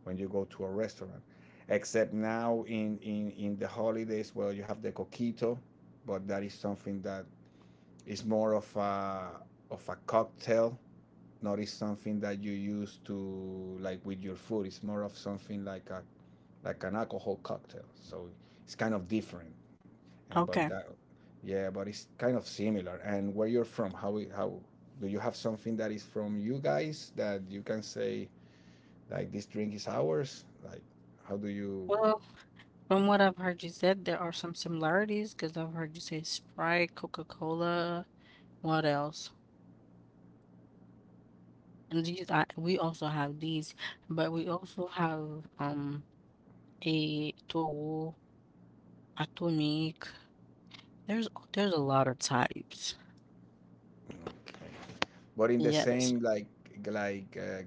A: when you go to a restaurant, except now in the holidays, well, you have the coquito, but that is something that is more of a cocktail, not is something that you use to like with your food. It's more of something like a like an alcohol cocktail, so it's kind of different. and but that, yeah, but it's kind of similar. And where you're from, how do you have something that is from you guys that you can say like this drink is ours? Like how do you? Okay. But in the same like uh,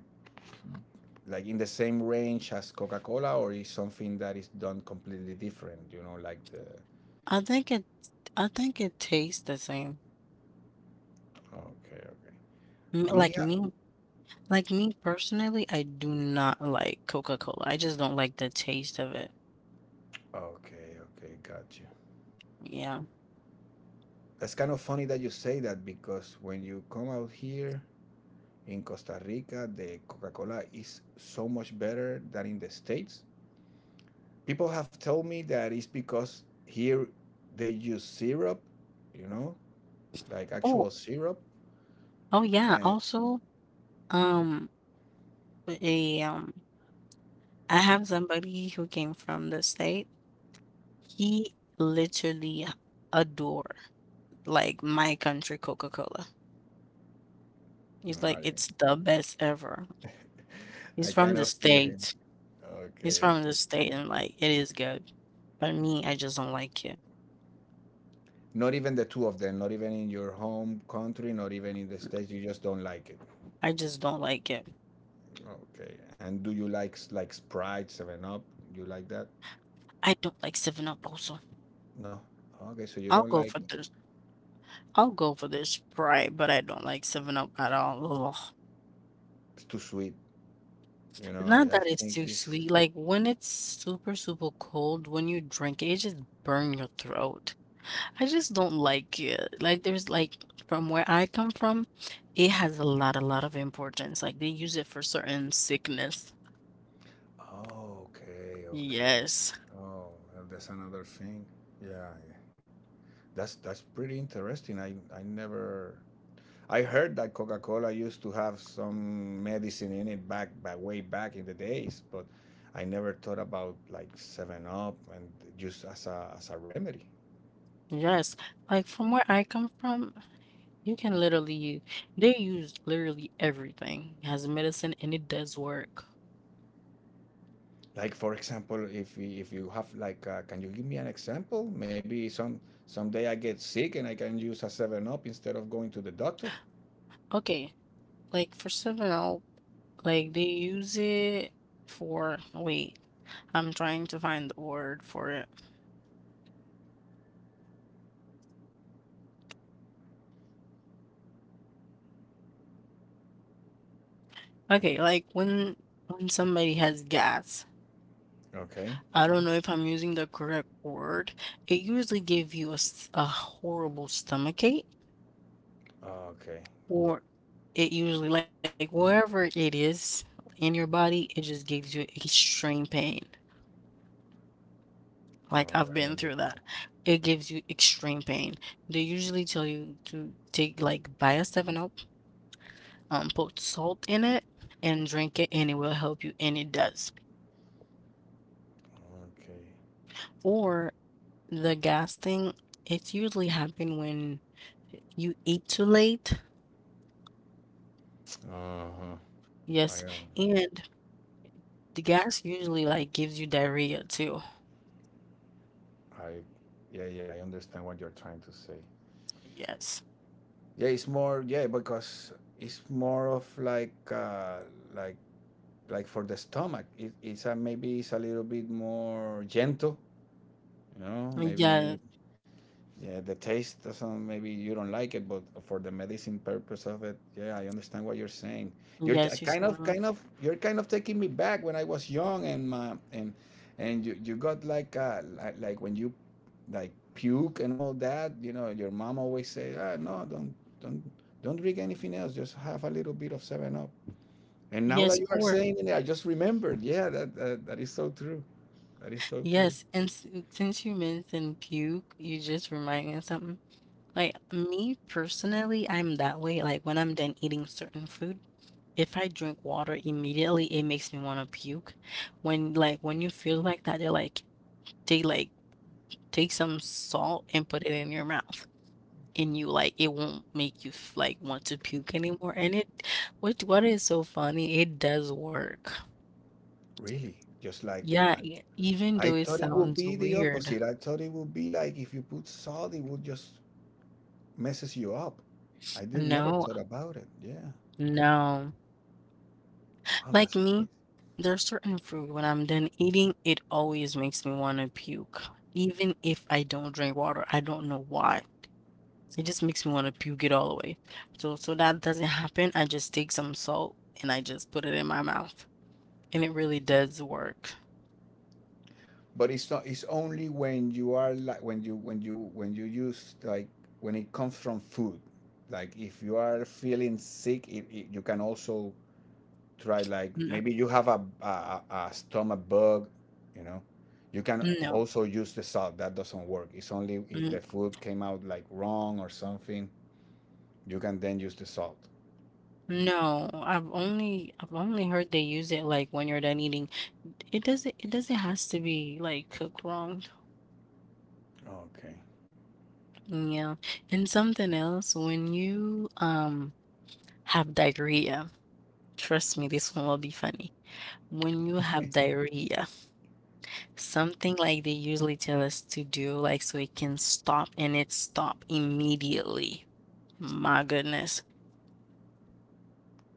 A: like in the same range as Coca Cola, or is something that is done completely different? You know, like the okay, okay. We have okay, okay, got you. That's kind of funny that you say that, because when you come out here, in Costa Rica, the Coca-Cola is so much better than in the States. People have told me that it's because here they use syrup, you know, like actual syrup. And oh, I kind of feel him. Okay, okay. Not even the two of them, not even in your home country, not even in the States, you just don't like it. Okay. And do you like Sprite, 7 Up? You like that? No. Okay, so you don't like it's too sweet. You know, I think it's oh, okay, okay. Oh, and that's another thing. Yeah, yeah. That's pretty interesting. I never I heard that Coca-Cola used to have some medicine in it back way back in the days, but I never thought about like Seven Up and just as a remedy. Like, for example, if you have like, can you give me an example? Maybe someday I get sick and I can use a Seven Up instead of going to the doctor. I- Okay. Okay. All right, I understand. Okay. Uh-huh. I I yeah, yeah, I understand what you're trying to say. Yeah, it's more, yeah, because it's more of like like like for the stomach. Maybe it's a little bit more gentle, you know? Maybe yeah, the taste doesn't. Maybe you don't like it, but for the medicine purpose of it, yeah, I understand what you're saying. Kind of, you're kind of taking me back when I was young, and my and you got like when you like puke and all that. You know, your mom always say, ah, no, don't drink anything else. Just have a little bit of Seven Up. And now that you are saying it, I just remembered. Yeah, that is so true. That is so true. Really, just like. I thought it would be the opposite. I thought it would be like if you put salt, it would just messes you up. I didn't never thought about it. Yeah. Wow, that's crazy. But it's not. It's only when you are like when you when you when you use like when it comes from food. Like if you are feeling sick, you can also try like maybe you have a stomach bug, you know. You can also use the salt. That doesn't work. It's only if the food came out like wrong or something. You can then use the salt. Okay.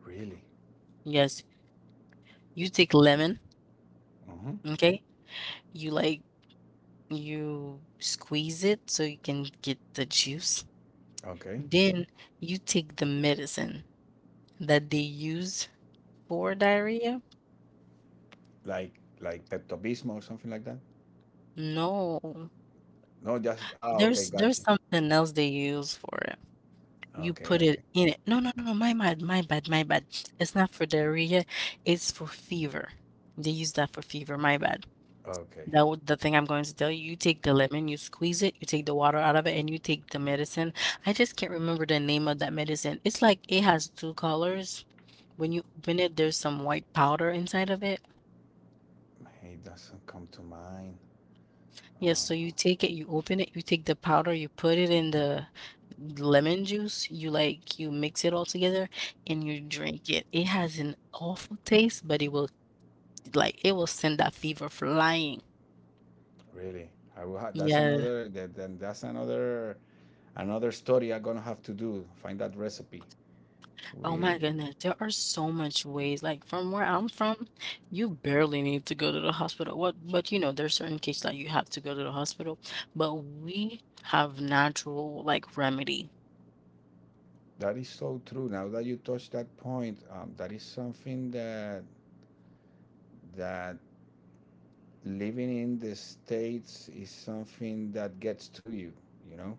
A: Really? Uh-huh. Okay. Like like Pepto Bismol or something like that? No, just okay, got you. Okay, okay, okay. It doesn't come to mind. Uh, Really, I will. That's another. That's another another story I'm gonna have to do. Find that recipe. We. That is so true. Now that you touch that point, that is something that living in the states is something that gets to you you know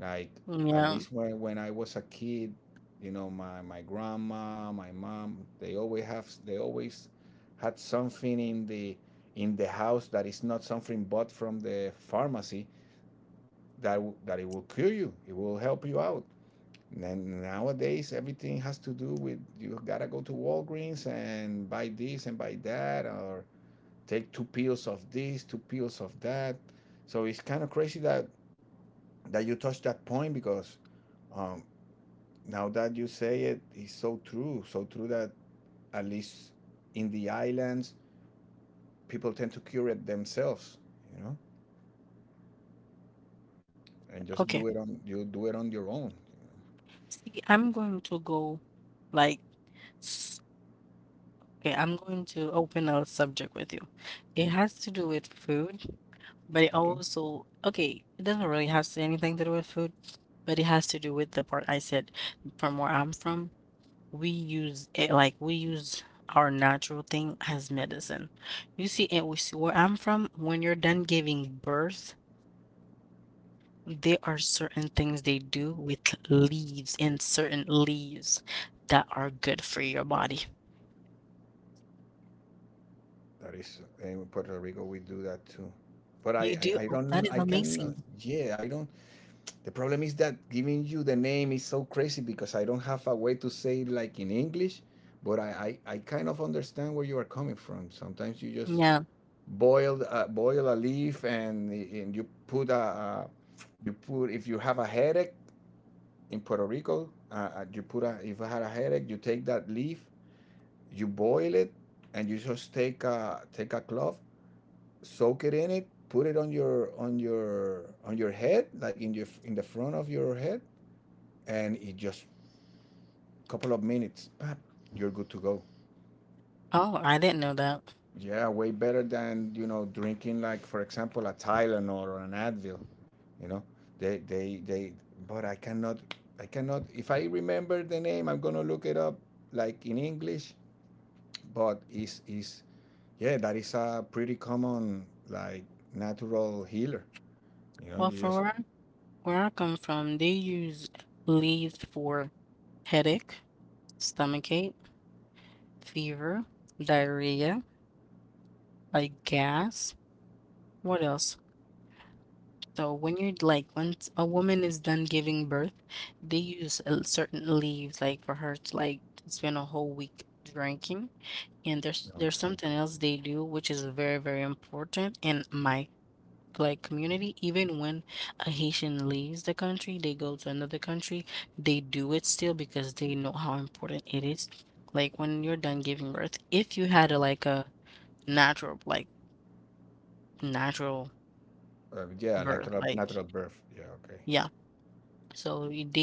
A: like at least when I was a kid, you know, my grandma, my mom, they always had something in the house that is not something bought from the pharmacy, that it will cure you, it will help you out. And then nowadays everything has to do with you gotta go to Walgreens and buy this and buy that, or take two pills of this, two pills of that. So it's kind of crazy that you touch that point because, um, now that you say it, it's so true, so true, that at least in the islands, people tend to cure it themselves, you know, and just do it on you do it on your own, you Okay, that is, in Puerto Rico we do that too, but I don't, I can, yeah, I don't. The problem is that giving you the name is so crazy because I don't have a way to say it like in English, but I kind of understand where you are coming from. Sometimes you just boil a leaf, and you put a, you put, if you have a headache in Puerto Rico, you put a, if I had a headache, you take that leaf, you boil it, and you just take a cloth, soak it in it, put it on your head, like in your in the front of your head, and it just, a couple of minutes, pap, you're good to go. Yeah, way better than, you know, drinking, like for example, a Tylenol or an Advil. You know, they they. But I cannot, I cannot. If I remember the name, I'm gonna look it up like in English. But yeah, that is a pretty common, like, natural healer. You know, you just okay. Yeah, natural, natural birth. Yeah, okay.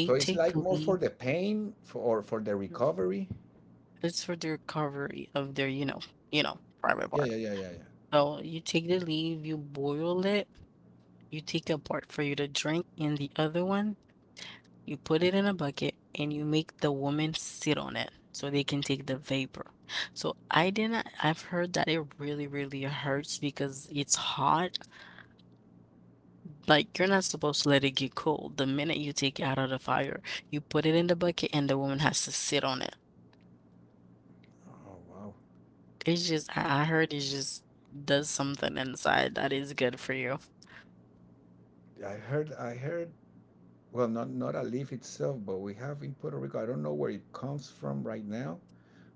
A: So it's like more for the pain, for or for the recovery. Yeah, yeah, yeah, yeah, yeah. Oh wow! I heard. Well, not, not a leaf itself, but we have in Puerto Rico. I don't know where it comes from right now.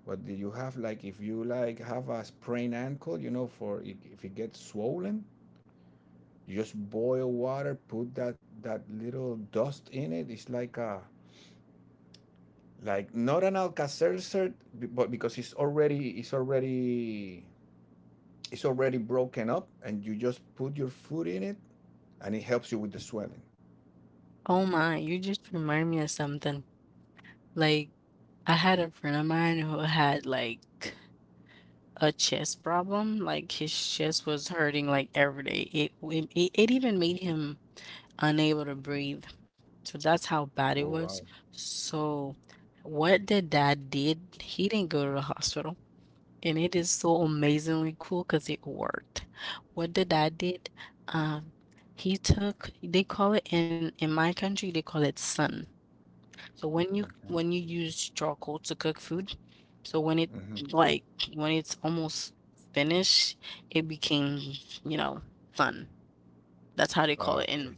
A: But do you have, like if you like have a sprained ankle, you know, if it gets swollen, you just boil water, put that little dust in it. It's like a, like not an Alka-Seltzer, but because it's already broken up, and you just put your foot in it, and it helps you with the swelling. Oh wow! Okay. hmm Okay.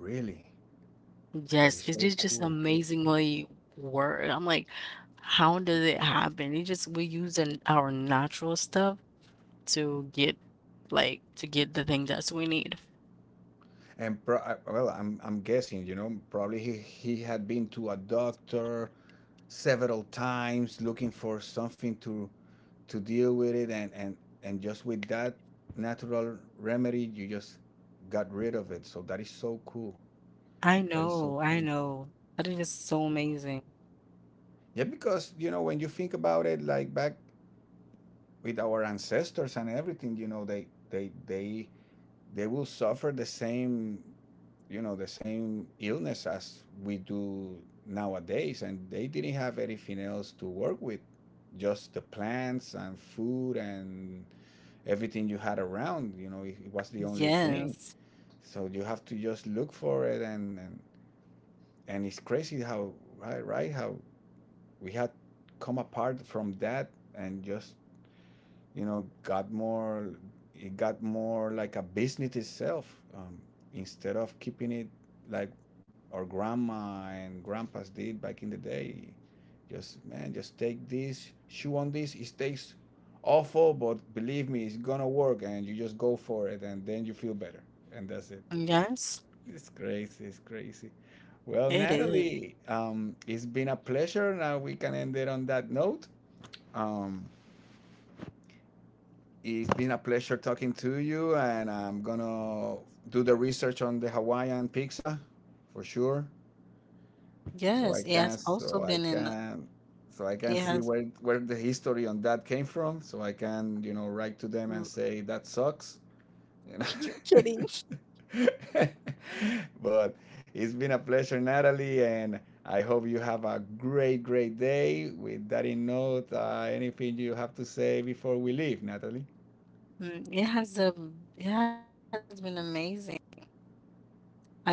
A: Really? That is so cool. Well, I'm guessing, you know, probably he had been to a doctor several times looking for something to deal with it and just with that natural remedy, you just got rid of it. So that is so cool. That is so cool. Yeah, because you know, when you think about it, like back with our ancestors and everything, you know, they will suffer the same, you know, the same illness as we do nowadays, and they didn't have anything else to work with, just the plants and food and everything you had around. You know, it was the only thing, so you have to just look for it and it's crazy how, right, right, how we had come apart from that and just, you know, got more, it got more like a business itself, instead of keeping it like our grandma and grandpas did back in the day. Just, man, just take this, chew on this. It tastes awful, but believe me, it's gonna work, and you just go for it, and then you feel better, and that's it. It's crazy. It's crazy. Well, Natalie, it's been a pleasure. Now we can end it on that note. Um, It's been a pleasure talking to you, and I'm gonna do the research on the Hawaiian pizza for sure, so I can so I can so I can see where the history on that came from, so I can, you know, write to them and say that sucks, you know. But it's been a pleasure, Natalie, and I hope you have a great, great day. With that in note, anything you have to say before we leave, Natalie?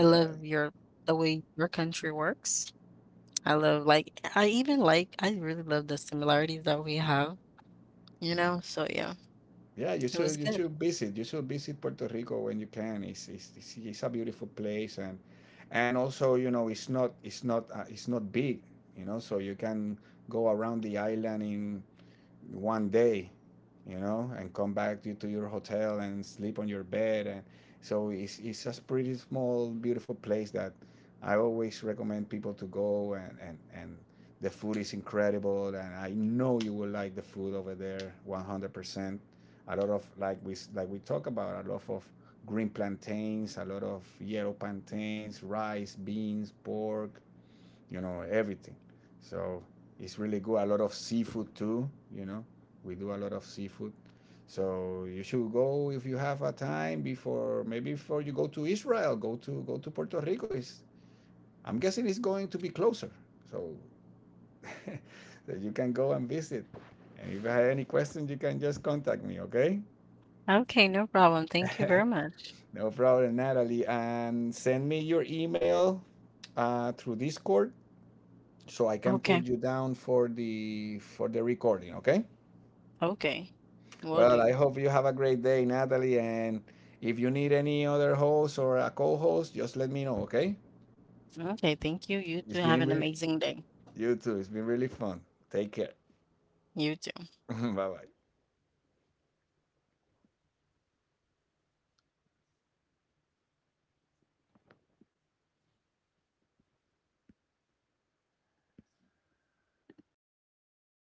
A: Yeah. Yeah, you should visit. You should visit Puerto Rico when you can. It's a beautiful place, and also, you know, it's not big, you know. So you can go around the island in one day, you know, and come back to your hotel and sleep on your bed. And so it's a pretty small, beautiful place that I always recommend people to go. And the food is incredible. And I know you will like the food over there 100%. A lot of, like we talk about, a lot of green plantains, a lot of yellow plantains, rice, beans, pork, you know, everything. So it's really good. A lot of seafood too, you know. We do a lot of seafood. So you should go if you have a time before, maybe before you go to Israel, go to, Puerto Rico. Is I'm guessing it's going to be closer. So that you can go and visit. And if you have any questions, you can just contact me, okay? No problem, Natalie. And send me your email, through Discord, so I can put you down for the, for the recording, okay? Well, I hope you have a great day, Natalie, and if you need any other host or a co-host, just let me know, okay? It's been re- you too. It's been really fun. Take care. Bye-bye.